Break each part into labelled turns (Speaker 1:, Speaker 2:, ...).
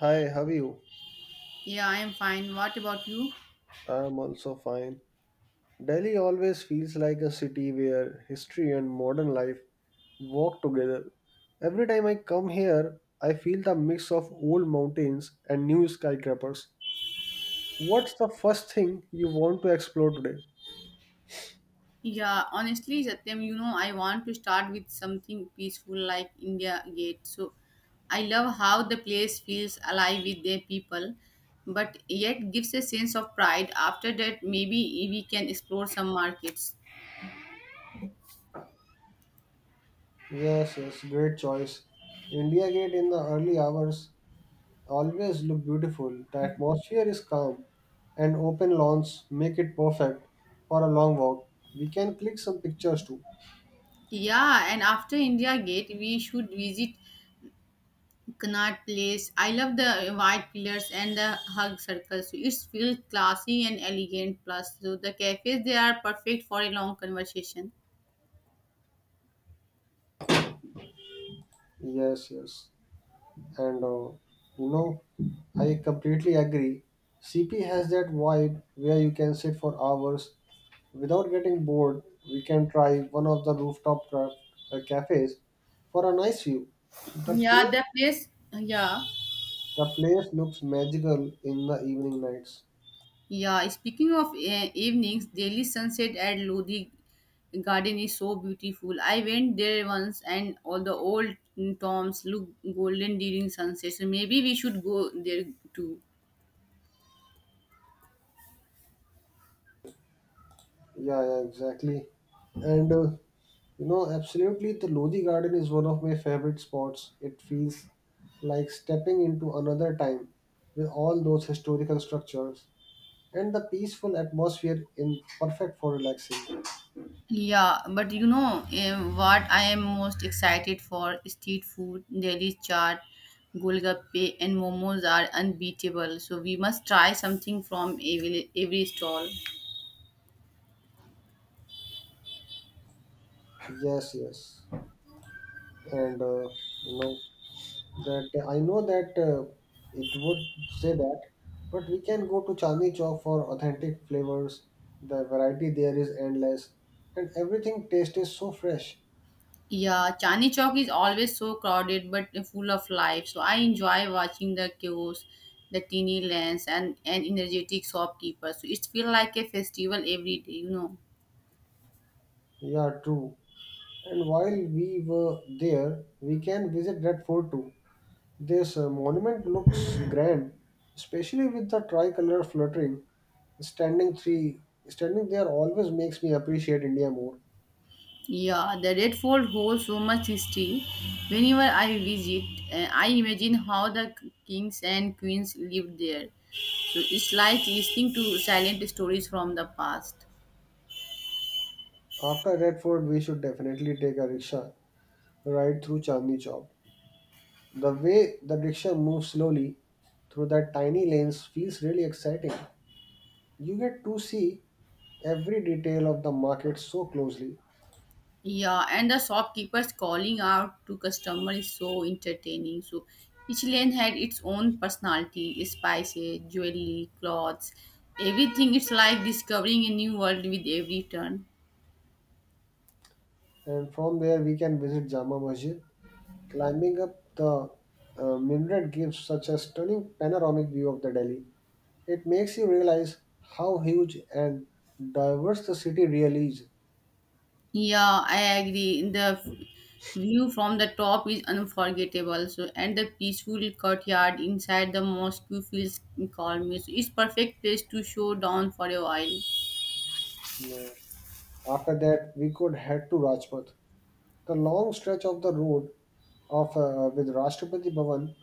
Speaker 1: Hi, how are you?
Speaker 2: Yeah, I am fine. What about you?
Speaker 1: I'm also fine. Delhi always feels like a city where history and modern life walk together. Every time I come here, I feel the mix of old mountains and new skyscrapers. What's the first thing you want to explore today?
Speaker 2: Yeah, honestly, Satyam, I want to start with something peaceful like India Gate. So I love how the place feels alive with their people, but yet gives a sense of pride. After that, maybe we can explore some markets.
Speaker 1: Yes, yes, great choice. India Gate in the early hours always look beautiful. The atmosphere is calm and open lawns make it perfect for a long walk. We can click some pictures too.
Speaker 2: Yeah, and after India Gate, we should visit Connaught Place. I love the white pillars and the hug circle. So it feels classy and elegant. Plus, so the cafes they are perfect for a long conversation.
Speaker 1: Yes, yes. And uh, you know, I completely agree. CP has that vibe where you can sit for hours without getting bored. We can try one of the rooftop craft, cafes for a nice view. The
Speaker 2: Yeah,
Speaker 1: place,
Speaker 2: the place. Yeah,
Speaker 1: the place looks magical in the evening nights.
Speaker 2: yeah. Speaking of evenings, daily sunset at Lodi Garden is so beautiful. I went there once, and all the old tombs look golden during sunset. So maybe we should go there too.
Speaker 1: Yeah, yeah, exactly. And uh, absolutely, the Lodi Garden is one of my favorite spots. It feels like stepping into another time with all those historical structures and the peaceful atmosphere in perfect for relaxing.
Speaker 2: Yeah, but what I am most excited for? Street food, Delhi chaat, golgappe, and momos are unbeatable. So we must try something from every stall.
Speaker 1: Yes, yes. And you know that I know that it would say that, but we can go to Chandni Chowk for authentic flavors. The variety there is endless, and everything tastes so fresh.
Speaker 2: Yeah, Chani Chowk is always so crowded but full of life. So I enjoy watching the queues, the teeny lands, and energetic shopkeepers. So it feels like a festival every day.
Speaker 1: Yeah, true. And while we were there, we can visit that fort too. This monument looks grand, especially with the tricolor fluttering. Standing three, Standing there always makes me appreciate India more.
Speaker 2: Yeah, the Red Fort holds so much history. Whenever I visit, I imagine how the kings and queens lived there. So it's like listening to silent stories from the past.
Speaker 1: After that fort, we should definitely take a rickshaw ride through Chandni Chowk. The way the rickshaw moves slowly through that tiny lanes feels really exciting. You get to see every detail of the market so closely,
Speaker 2: Yeah, and the shopkeepers calling out to customer is so entertaining. So each lane had its own personality, spices, jewelry, clothes, everything. It's like discovering a new world with every turn.
Speaker 1: and from there we can visit Jama Masjid. Climbing up the minaret gives such a stunning panoramic view of the Delhi. It makes you realize how huge and diverse the city really is.
Speaker 2: Yeah, I agree. The view from the top is unforgettable. So and the peaceful courtyard inside the mosque feels calming. So it's perfect place to show down for a while.
Speaker 1: Yeah. After that, we could head to Rajpath. The long stretch of the road of with Rashtrapati Bhavan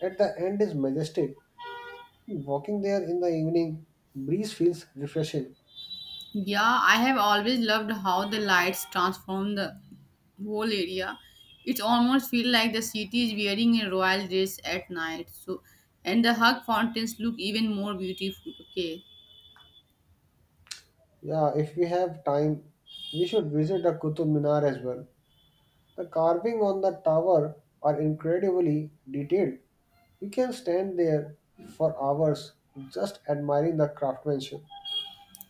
Speaker 1: at the end is majestic. Walking there in the evening, breeze feels refreshing.
Speaker 2: Yeah, I have always loved how the lights transform the whole area. It almost feels like the city is wearing a royal dress at night. So, and the hug fountains look even more beautiful. Okay,
Speaker 1: Yeah, if we have time, we should visit the Qutub Minar as well. The carving on the tower are incredibly detailed. You can stand there for hours just admiring the craftsmanship.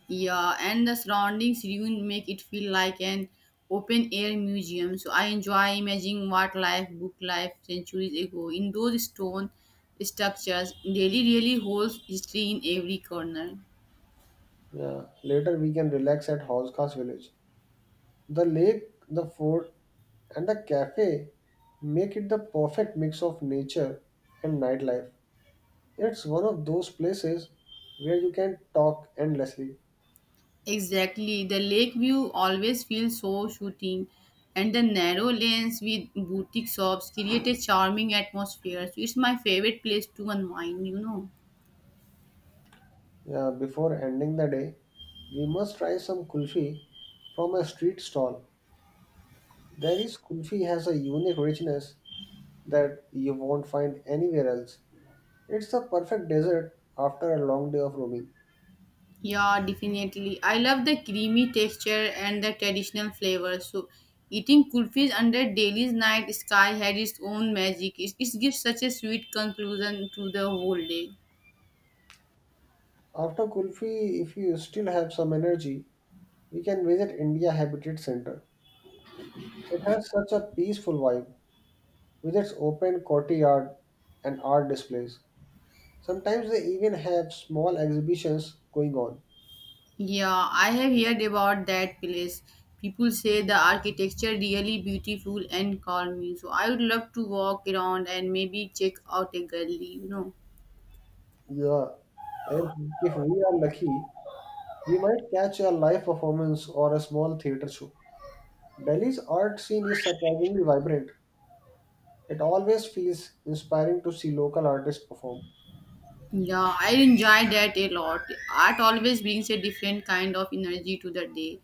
Speaker 2: yeah, and the surroundings even make it feel like an open air museum. So I enjoy imagining what life book life centuries ago in those stone structures. Delhi really holds history in every corner.
Speaker 1: Yeah. Later we can relax at Housekhas village. The lake, the fort, and the cafe make it the perfect mix of nature and nightlife. It's one of those places where you can talk endlessly.
Speaker 2: Exactly. The lake view always feels so shooting, and the narrow lanes with boutique shops create a charming atmosphere. So it's my favorite place to unwind.
Speaker 1: Yeah, before ending the day, we must try some kulfi from a street stall. There is kulfi has a unique richness that you won't find anywhere else. It's the perfect dessert after a long day of roaming.
Speaker 2: Yeah, definitely. I love the creamy texture and the traditional flavor. So eating kulfis under Delhi's night sky had its own magic. It gives such a sweet conclusion to the whole day.
Speaker 1: After kulfi, if you still have some energy, you can visit India Habitat Center. It has such a peaceful vibe with its open courtyard and art displays. Sometimes they even have small exhibitions going on.
Speaker 2: Yeah, I have heard about that place. People say the architecture really beautiful and calming. So I would love to walk around and maybe check out a gallery.
Speaker 1: Yeah, and if we are lucky, we might catch a live performance or a small theater show. Delhi's art scene is surprisingly vibrant. It always feels inspiring to see local artists perform.
Speaker 2: Yeah, I enjoy that a lot. Art always brings a different kind of energy to the day.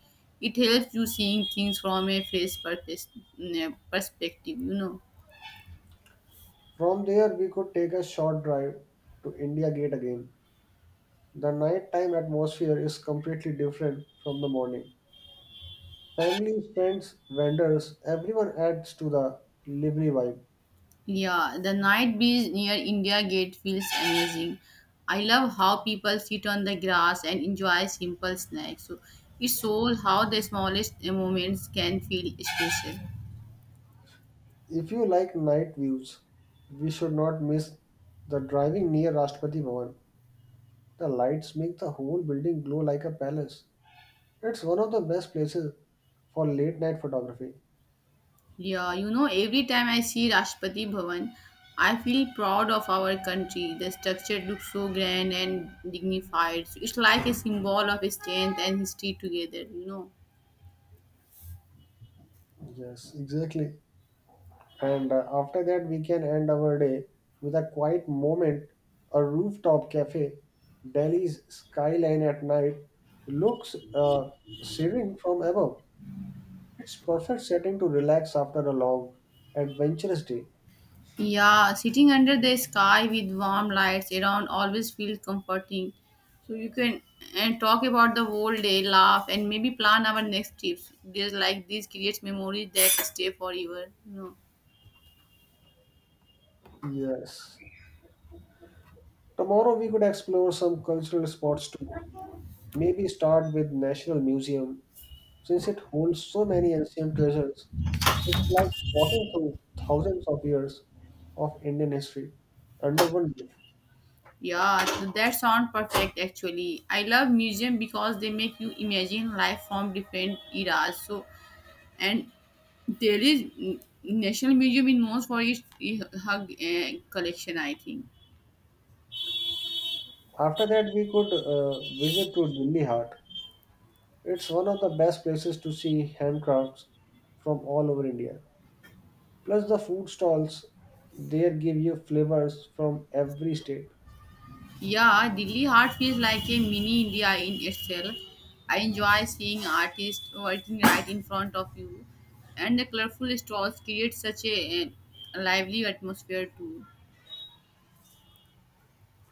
Speaker 2: It helps you seeing things from a fresh purpose, perspective.
Speaker 1: From there, we could take a short drive to India Gate again. The nighttime atmosphere is completely different from the morning. Families, friends, vendors, everyone adds to the lively vibe.
Speaker 2: Yeah, the night breeze near India Gate feels amazing. I love how people sit on the grass and enjoy simple snacks. So it shows how the smallest moments can feel special.
Speaker 1: If you like night views, we should not miss the driving near Rashtrapati Bhavan. The lights make the whole building glow like a palace. It's one of the best places for late night photography.
Speaker 2: Yeah, you know, every time I see Rashtrapati Bhavan, I feel proud of our country. The structure looks so grand and dignified. So it's like a symbol of strength and history together.
Speaker 1: Yes, exactly. And after that, we can end our day with a quiet moment, a rooftop cafe. Delhi's skyline at night looks serene from above. It's perfect setting to relax after a long, adventurous day.
Speaker 2: Yeah, sitting under the sky with warm lights around always feels comforting. So you can and talk about the whole day, laugh, and maybe plan our next trips. Just like this creates memories that stay forever. No.
Speaker 1: Yes. Tomorrow we could explore some cultural spots too. Maybe start with National Museum. Since it holds so many ancient treasures, it's like walking through thousands of years of Indian history under one roof.
Speaker 2: Yeah, so that sound perfect actually. I love museum because they make you imagine life from different eras. So and there is National Museum in most for its hug collection, I think.
Speaker 1: After that, we could visit to Delhi Heart. It's one of the best places to see handcrafts from all over India. Plus, the food stalls there give you flavors from every state.
Speaker 2: Yeah, Delhi Heart feels like a mini India in itself. I enjoy seeing artists working right in front of you, and the colorful stalls create such a lively atmosphere too.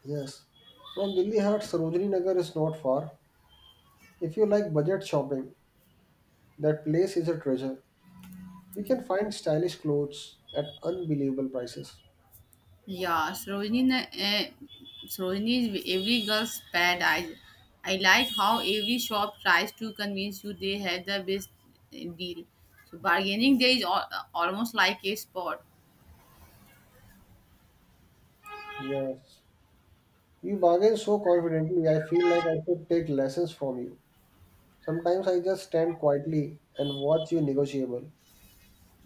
Speaker 1: Yes, from Delhi Heart, Sarojini Nagar is not far. If you like budget shopping, that place is a treasure. You can find stylish clothes at unbelievable prices.
Speaker 2: Yeah, Sarojini is every girl's paradise. I like how every shop tries to convince you they have the best deal. So bargaining there is almost like a sport.
Speaker 1: Yes. You bargain so confidently, I feel like I should take lessons from you. Sometimes I just stand quietly and watch you negotiable.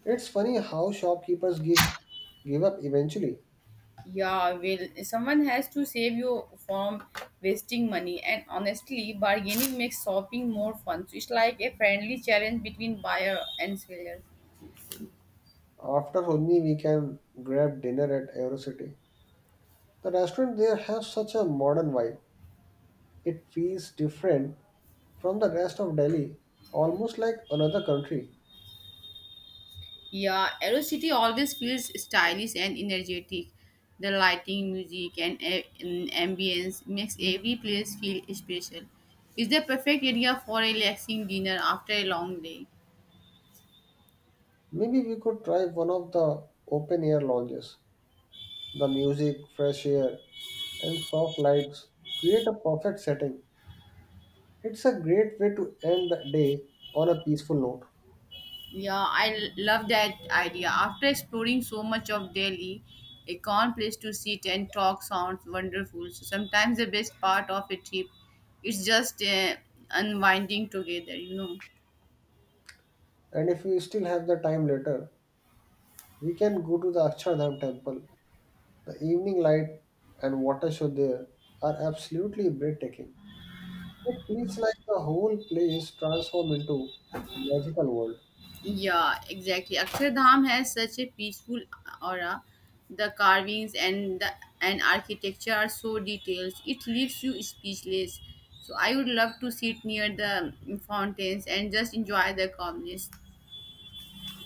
Speaker 1: It's funny how shopkeepers give up eventually.
Speaker 2: Yeah, well, someone has to save you from wasting money, and honestly, bargaining makes shopping more fun. So it's like a friendly challenge between buyer and seller.
Speaker 1: After only we can grab dinner at Eurocity. The restaurant there has such a modern vibe. It feels different from the rest of Delhi, almost like another country.
Speaker 2: Yeah, Aero City always feels stylish and energetic. The lighting, music, and ambience makes every place feel special. It's the perfect area for a relaxing dinner after a long day.
Speaker 1: Maybe we could try one of the open air lounges. The music, fresh air, and soft lights create a perfect setting. It's a great way to end the day on a peaceful note.
Speaker 2: Yeah, I love that idea. After exploring so much of Delhi, a calm place to sit and talk sounds wonderful. So sometimes the best part of a trip is just unwinding together.
Speaker 1: And if we still have the time later, we can go to the Akshardham temple. The evening light and water show there are absolutely breathtaking. It feels like the whole place transformed into magical world.
Speaker 2: Yeah, exactly. Akshardham has such a peaceful aura. The carvings and the and architecture are so detailed. It leaves you speechless. So I would love to sit near the fountains and just enjoy the calmness.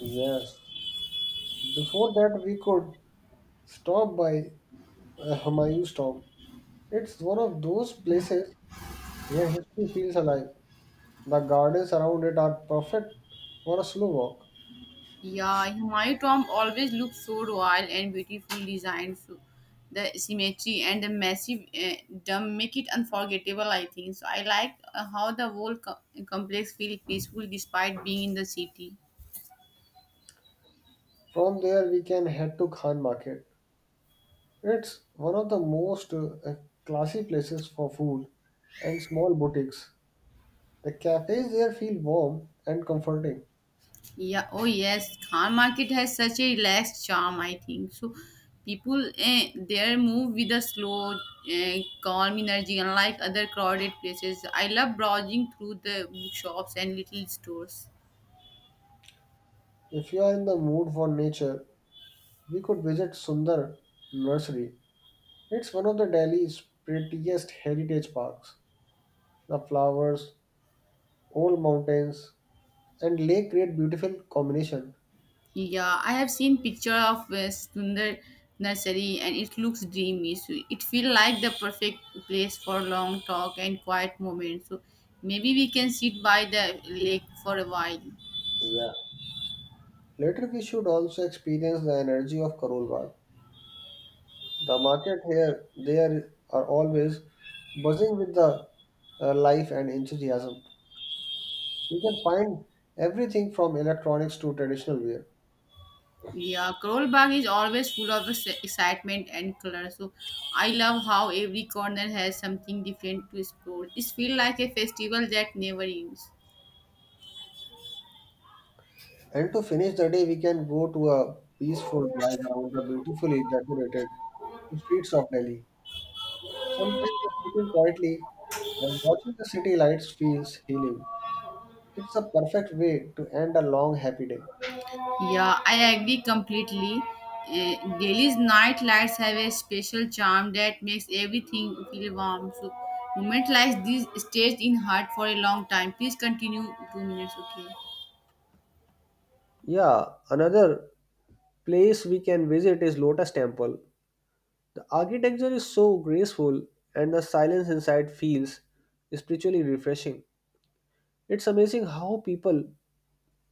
Speaker 1: Yes. Before that, we could stop by Humayun's tomb. It's one of those places where history feels alive, the gardens around it are perfect for a slow walk.
Speaker 2: Yeah, Humayun tomb always looks so royal and beautifully designed. So the symmetry and the massive dome make it unforgettable. I think so. I like how the whole complex feels peaceful despite being in the city.
Speaker 1: From there, we can head to Khan Market. It's one of the most classy places for food and small boutiques. The cafes there feel warm and comforting.
Speaker 2: Yeah. Oh yes, Khan Market has such a relaxed charm. I think so. People there move with a slow, calm energy, unlike other crowded places. I love browsing through the bookshops and little stores.
Speaker 1: If you are in the mood for nature, we could visit Sundar Nursery. It's one of the Delhi's prettiest heritage parks. The flowers, old mountains, and lake create beautiful combination.
Speaker 2: Yeah, I have seen picture of Sundar Nursery and it looks dreamy. So it feel like the perfect place for long talk and quiet moment. So maybe we can sit by the lake for a while.
Speaker 1: Yeah. Later, we should also experience the energy of Karol Bagh. The market here, there are always buzzing with the life and enthusiasm. We can find everything from electronics to traditional wear.
Speaker 2: Yeah, Karol Bagh is always full of excitement and color. So I love how every corner has something different to explore. It feels like a festival that never ends.
Speaker 1: And to finish the day, we can go to a peaceful drive around the beautifully decorated streets of Delhi. Sometimes just sitting quietly and watching the city lights feels healing. It's a perfect way to end a long, happy day.
Speaker 2: Yeah, I agree completely. Delhi's night lights have a special charm that makes everything feel warm. So, moments like this stayed in heart for a long time. Please continue. 2 minutes, okay?
Speaker 1: Yeah, another place we can visit is Lotus Temple. The architecture is so graceful and the silence inside feels spiritually refreshing. It's amazing how people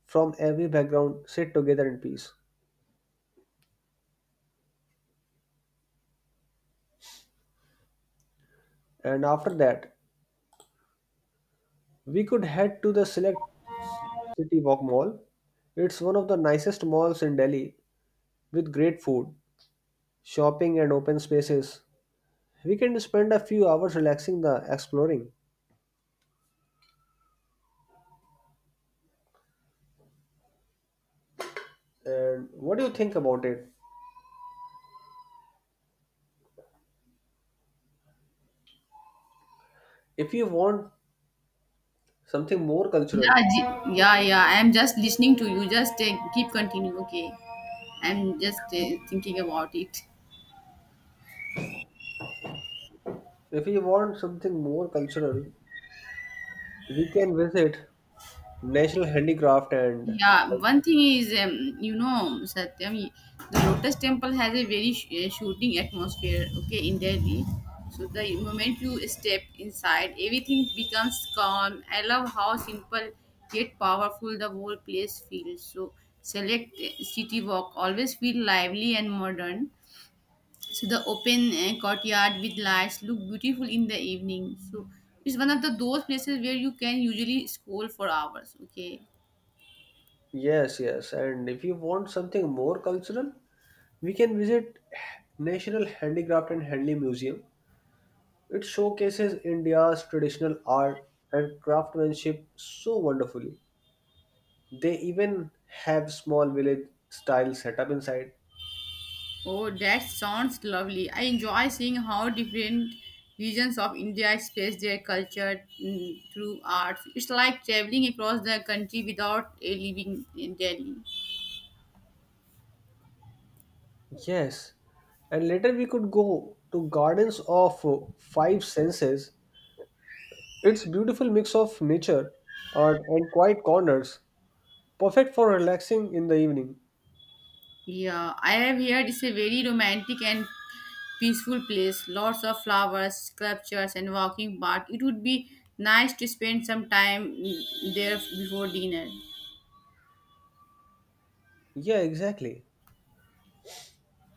Speaker 1: from every background sit together in peace. And after that, we could head to the Select City Walk Mall. It's one of the nicest malls in Delhi with great food, shopping and open spaces. We can spend a few hours relaxing the exploring. And what do you think about it? If you want something more cultural,
Speaker 2: Yeah, yeah. I am just listening to you. Just keep continue, okay? I'm just thinking about it.
Speaker 1: If we want something more cultural, we can visit National Handicraft and
Speaker 2: Yeah, one thing is, you know, Satyam, the Lotus Temple has a very shooting atmosphere, okay, in Delhi. So the moment you step inside, everything becomes calm. I love how simple yet powerful the whole place feels. So select city walk always feel lively and modern. So the open courtyard with lights look beautiful in the evening. So it's one of the those places where you can usually scroll for hours, okay.
Speaker 1: yes, yes. And if you want something more cultural, we can visit National Handicraft and Handling Museum. It showcases India's traditional art and craftsmanship so wonderfully. They even have small village style setup inside.
Speaker 2: Oh, that sounds lovely. I enjoy seeing how different regions of India express their culture through arts. It's like traveling across the country without leaving in Delhi.
Speaker 1: Yes, and later we could go to Gardens of Five Senses. It's beautiful mix of nature, art, and quiet corners, perfect for relaxing in the evening.
Speaker 2: Yeah, I have heard it's a very romantic and peaceful place. Lots of flowers, sculptures, and walking path. It would be nice to spend some time there before dinner.
Speaker 1: Yeah, exactly.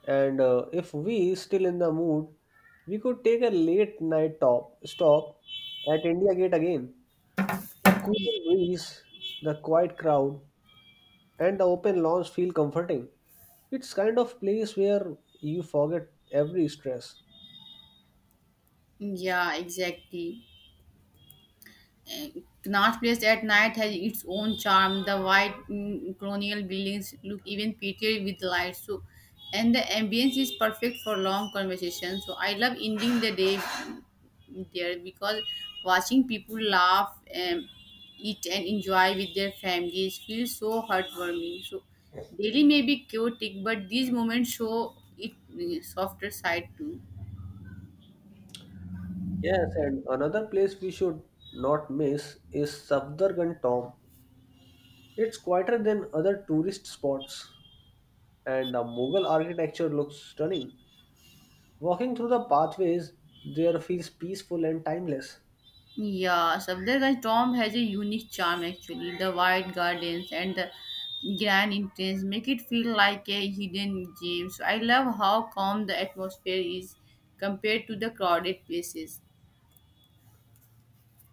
Speaker 1: And if we still in the mood, we could take a late night top stop at India Gate again. The cool breeze, the quiet crowd, and the open lawns feel comforting. It's kind of place where you forget every stress.
Speaker 2: Yeah, exactly. North Place at night has its own charm. The white colonial buildings look even prettier with lights. So, and the ambience is perfect for long conversations. So I love ending the day there because watching people laugh, um, eat, and enjoy with their families feels so heartwarming. So Delhi may be chaotic, but these moments show it softer side too.
Speaker 1: Yes, and another place we should not miss is Safdargan Tomb. It's quieter than other tourist spots, and the Mughal architecture looks stunning. Walking through the pathways there feels peaceful and timeless.
Speaker 2: Yeah, Safdarganj Tom has a unique charm actually. The wide gardens and the grand entrance make it feel like a hidden gem. So I love how calm the atmosphere is compared to the crowded places.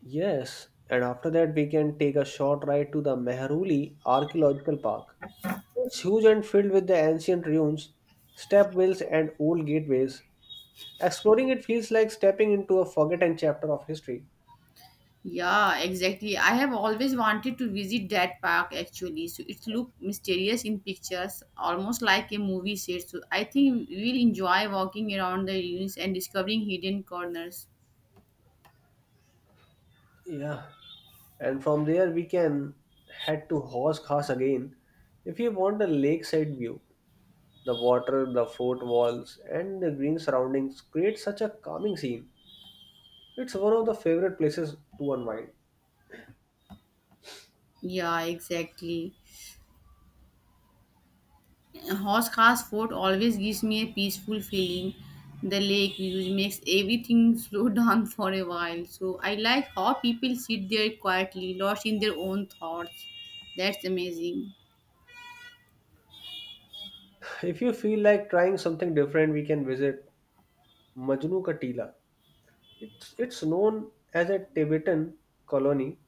Speaker 1: Yes, and after that, we can take a short ride to the Mehruli Archaeological Park. It's huge and filled with the ancient ruins, step wells, and old gateways. Exploring it feels like stepping into a forgotten chapter of history.
Speaker 2: Yeah, exactly. I have always wanted to visit that park actually. So it looked mysterious in pictures, almost like a movie set. So I think we'll enjoy walking around the ruins and discovering hidden corners.
Speaker 1: Yeah, and from there we can head to Horse Khas again if you want a lakeside view. The water, the fort walls, and the green surroundings create such a calming scene. It's one of the favorite places to unwind.
Speaker 2: Yeah, exactly. Horse Fort always gives me a peaceful feeling. The lake views makes everything slow down for a while. So I like how people sit there quietly, lost in their own thoughts. That's amazing.
Speaker 1: If you feel like trying something different, we can visit Majnu Ka Tila. It's known as a Tibetan colony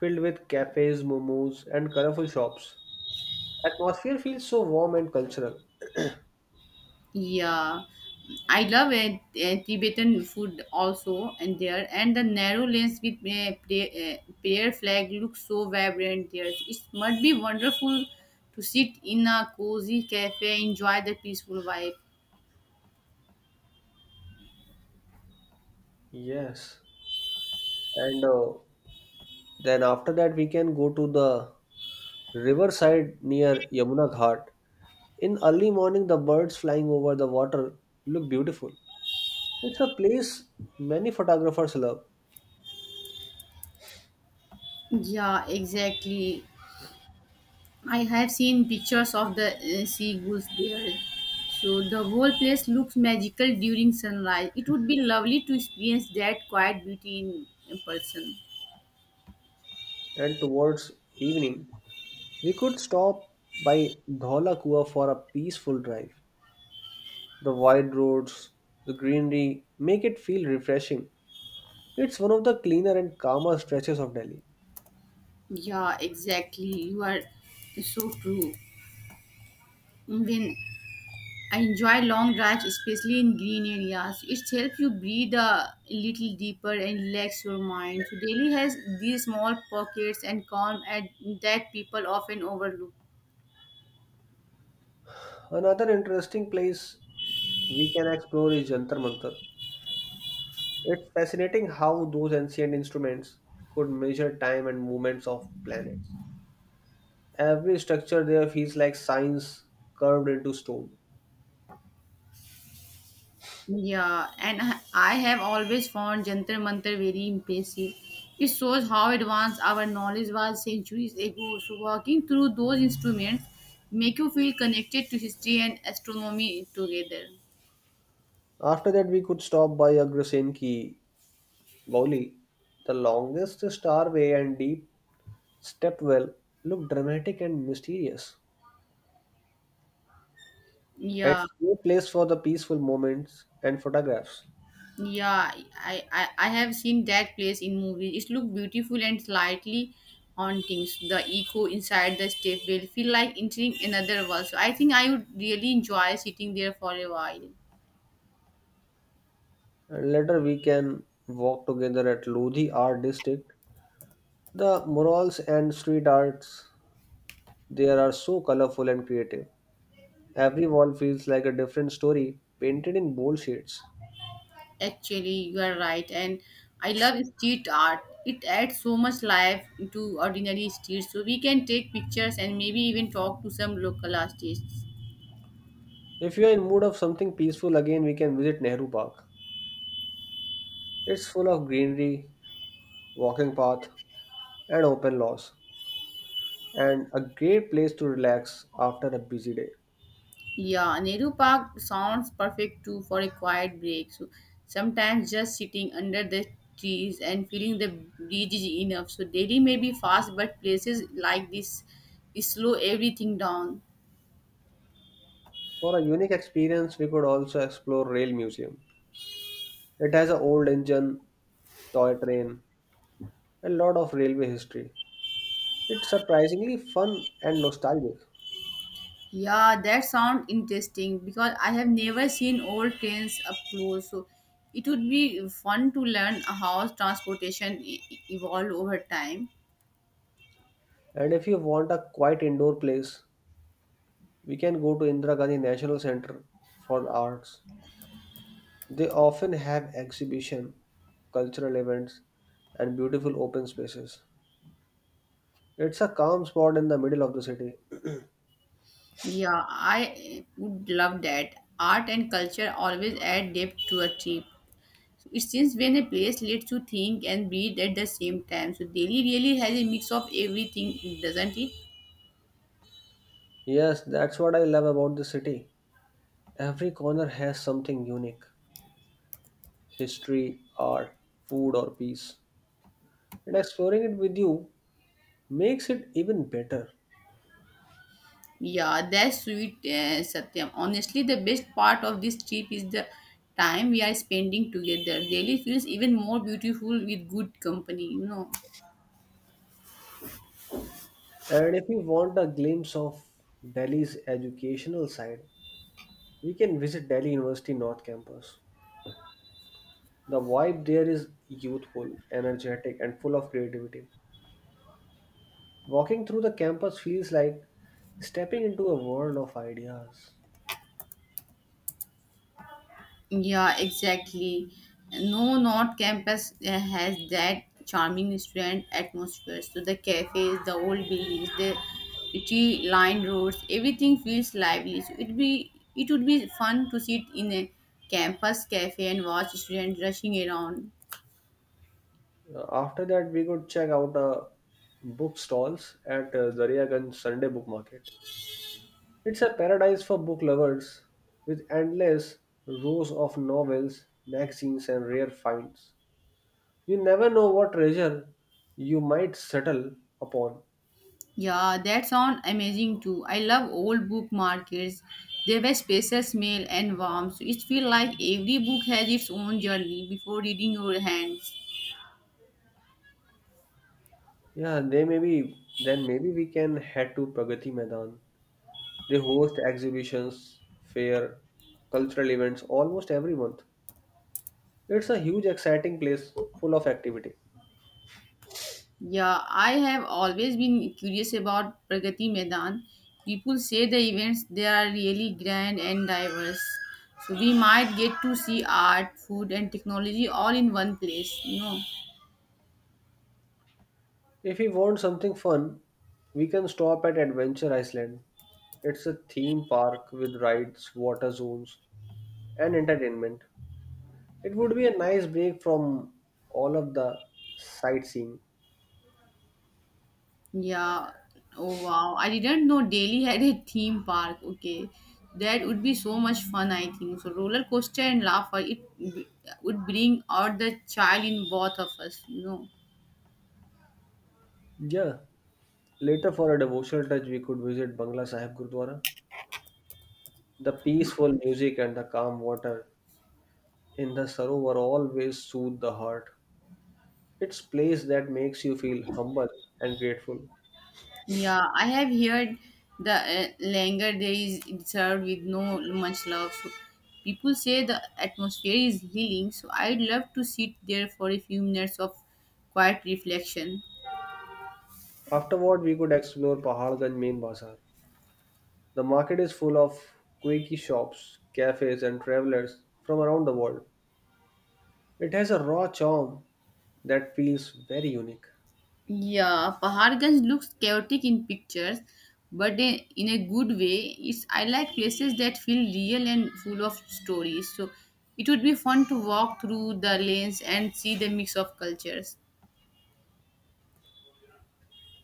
Speaker 1: filled with cafes, momos, and colorful shops. Atmosphere feels so warm and cultural.
Speaker 2: Yeah, I love it. Tibetan food also, and the narrow lanes with prayer flag looks so vibrant there. It must be wonderful to sit in a cozy cafe, enjoy the peaceful vibe.
Speaker 1: Yes. And Then after that, we can go to the riverside near Yamuna Ghat. In early morning, the birds flying over the water look beautiful. It's a place many photographers love.
Speaker 2: Yeah, exactly. I have seen pictures of the sea goose there. So the whole place looks magical during sunrise. It would be lovely to experience that quiet beauty in person.
Speaker 1: And towards evening, we could stop by Dhola Kua for a peaceful drive. The wide roads, the greenery make it feel refreshing. It's one of the cleaner and calmer stretches of Delhi.
Speaker 2: Yeah, exactly. You are so true. When I enjoy long drives, especially in green areas, it helps you breathe a little deeper and relax your mind. So Delhi has these small pockets and calm at that people often overlook.
Speaker 1: Another interesting place we can explore is Jantar Mantar. It's fascinating how those ancient instruments could measure time and movements of planets. Every structure there feels like signs carved into stone.
Speaker 2: Yeah, and I have always found Jantar Mantar very impressive. It shows how advanced our knowledge was centuries ago. So walking through those instruments make you feel connected to history and astronomy together.
Speaker 1: After that, we could stop by Agrasen Ki Bauli. The longest starway and deep stepwell look dramatic and mysterious.
Speaker 2: Yeah,
Speaker 1: It's a place for the peaceful moments and photographs.
Speaker 2: yeah, I have seen that place in movies. It looked beautiful and slightly haunting. The echo inside the step will feel like entering another world. So I think I would really enjoy sitting there for a while.
Speaker 1: And later, we can walk together at Lodhi Art District. The murals and street arts they are so colorful and creative. Every wall feels like a different story painted in bold shades.
Speaker 2: Actually, you are right, and I love street art. It adds so much life to ordinary streets, so we can take pictures and maybe even talk to some local artists.
Speaker 1: If you are in mood of something peaceful again, we can visit Nehru Park. It's full of greenery, walking path, and open laws, and a great place to relax after a busy day.
Speaker 2: Yeah, Nehru Park sounds perfect too for a quiet break. So sometimes just sitting under the trees and feeling the breeze is enough. So Delhi may be fast, but places like this slow everything down.
Speaker 1: For a unique experience, we could also explore Rail Museum. It has an old engine, toy train, a lot of railway history. It's surprisingly fun and nostalgic.
Speaker 2: Yeah, that sounds interesting because I have never seen old trains up close. So it would be fun to learn how transportation evolved over time.
Speaker 1: And if you want a quiet indoor place, we can go to Indira Gandhi National Center for Arts. They often have exhibition, cultural events, and beautiful open spaces. It's a calm spot in the middle of the city.
Speaker 2: Yeah, I would love that. Art and culture always add depth to a trip. So it seems when a place lets you think and breathe at the same time. So Delhi really has a mix of everything, doesn't it?
Speaker 1: Yes, that's what I love about the city. Every corner has something unique: history, art, food, or peace. And exploring it with you makes it even better.
Speaker 2: Yeah, that's sweet, Satyam. Honestly, the best part of this trip is the time we are spending together. Delhi feels even more beautiful with good company.
Speaker 1: And if you want a glimpse of Delhi's educational side, we can visit Delhi University North Campus. The vibe there is youthful, energetic, and full of creativity. Walking through the campus feels like stepping into a world of ideas.
Speaker 2: Yeah, exactly. No, not campus has that charming student atmosphere. So the cafes, the old buildings, the tree-lined roads, everything feels lively. So it would be fun to sit in a campus cafe and watch students rushing around.
Speaker 1: After that, we could check out book stalls at Daryaganj Sunday Book Market. It's a paradise for book lovers with endless rows of novels, magazines, and rare finds. You never know what treasure you might settle upon.
Speaker 2: Yeah, that sounds amazing too. I love old book markets. They were spacious, male and warm, so it feels like every book has its own journey before reading your hands.
Speaker 1: Yeah, they may be. Then maybe we can head to Pragati Maidan. They host exhibitions, fair, cultural events almost every month. It's a huge exciting place full of activity.
Speaker 2: Yeah, I have always been curious about Pragati Maidan. People say the events there are really grand and diverse. So we might get to see art, food and technology all in one place.
Speaker 1: If we want something fun, we can stop at Adventure Iceland. It's a theme park with rides, water zones, and entertainment. It would be a nice break from all of the sightseeing.
Speaker 2: Yeah. Oh wow. I didn't know Delhi had a theme park. Okay. That would be so much fun, I think. So roller coaster and laughter, would bring out the child in both of us.
Speaker 1: Yeah, later for a devotional touch, we could visit Bangla Sahib Gurdwara. The peaceful music and the calm water in the Sarovar always soothe the heart. It's place that makes you feel humble and grateful.
Speaker 2: Yeah, I have heard the langar there is served with no much love. So people say the atmosphere is healing. So I'd love to sit there for a few minutes of quiet reflection.
Speaker 1: Afterward, we could explore Pahalganj main bazaar. The market is full of quirky shops, cafes, and travelers from around the world. It has a raw charm that feels very unique.
Speaker 2: Yeah, Paharganj looks chaotic in pictures, but in a good way. It's I like places that feel real and full of stories. So it would be fun to walk through the lanes and see the mix of cultures.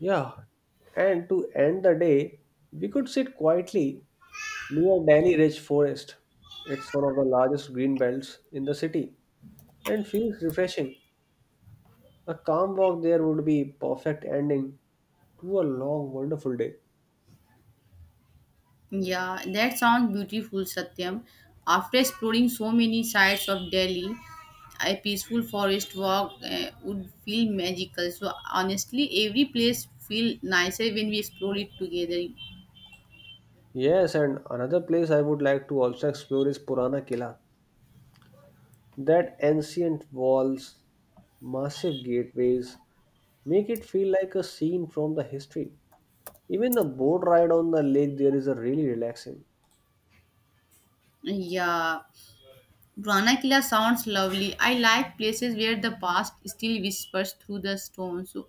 Speaker 1: Yeah, and to end the day, we could sit quietly near Delhi Ridge Forest. It's one of the largest green belts in the city and feels refreshing. A calm walk there would be perfect ending to a long, wonderful day.
Speaker 2: Yeah, that sounds beautiful, Satyam. After exploring so many sides of Delhi, a peaceful forest walk would feel magical. So honestly, every place feel nicer when we explore it together.
Speaker 1: Yes, and another place I would like to also explore is Purana Kila. That ancient walls, massive gateways, make it feel like a scene from the history. Even the boat ride on the lake there is a really relaxing.
Speaker 2: Yeah, Ranakila sounds lovely. I like places where the past still whispers through the stone. So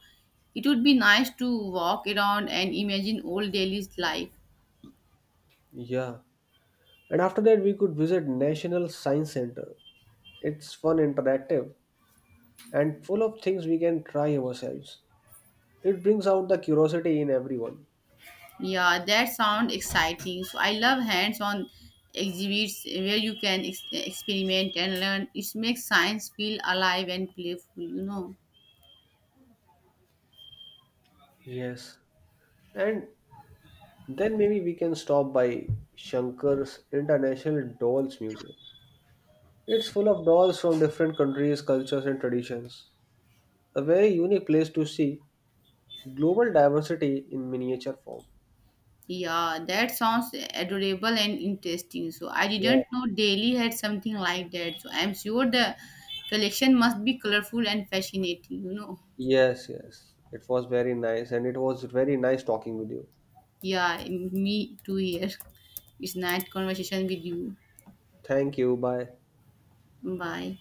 Speaker 2: it would be nice to walk around and imagine old Delhi's life.
Speaker 1: Yeah. And after that we could visit National Science Center. It's fun, interactive, and full of things we can try ourselves. It brings out the curiosity in everyone.
Speaker 2: Yeah, that sounds exciting. So I love hands-on exhibits where you can experiment and learn. It makes science feel alive and playful.
Speaker 1: Yes. And then maybe we can stop by Shankar's International Dolls Museum. It's full of dolls from different countries, cultures, and traditions. A very unique place to see global diversity in miniature form.
Speaker 2: Yeah, that sounds adorable and interesting. So I
Speaker 1: Yeah.
Speaker 2: didn't know Delhi had something like that. So I'm sure the collection must be colorful and fascinating.
Speaker 1: Yes, yes. It was very nice, and it was very nice talking with you.
Speaker 2: Yeah, me too here. It's nice conversation with you.
Speaker 1: Thank you. Bye.
Speaker 2: Bye.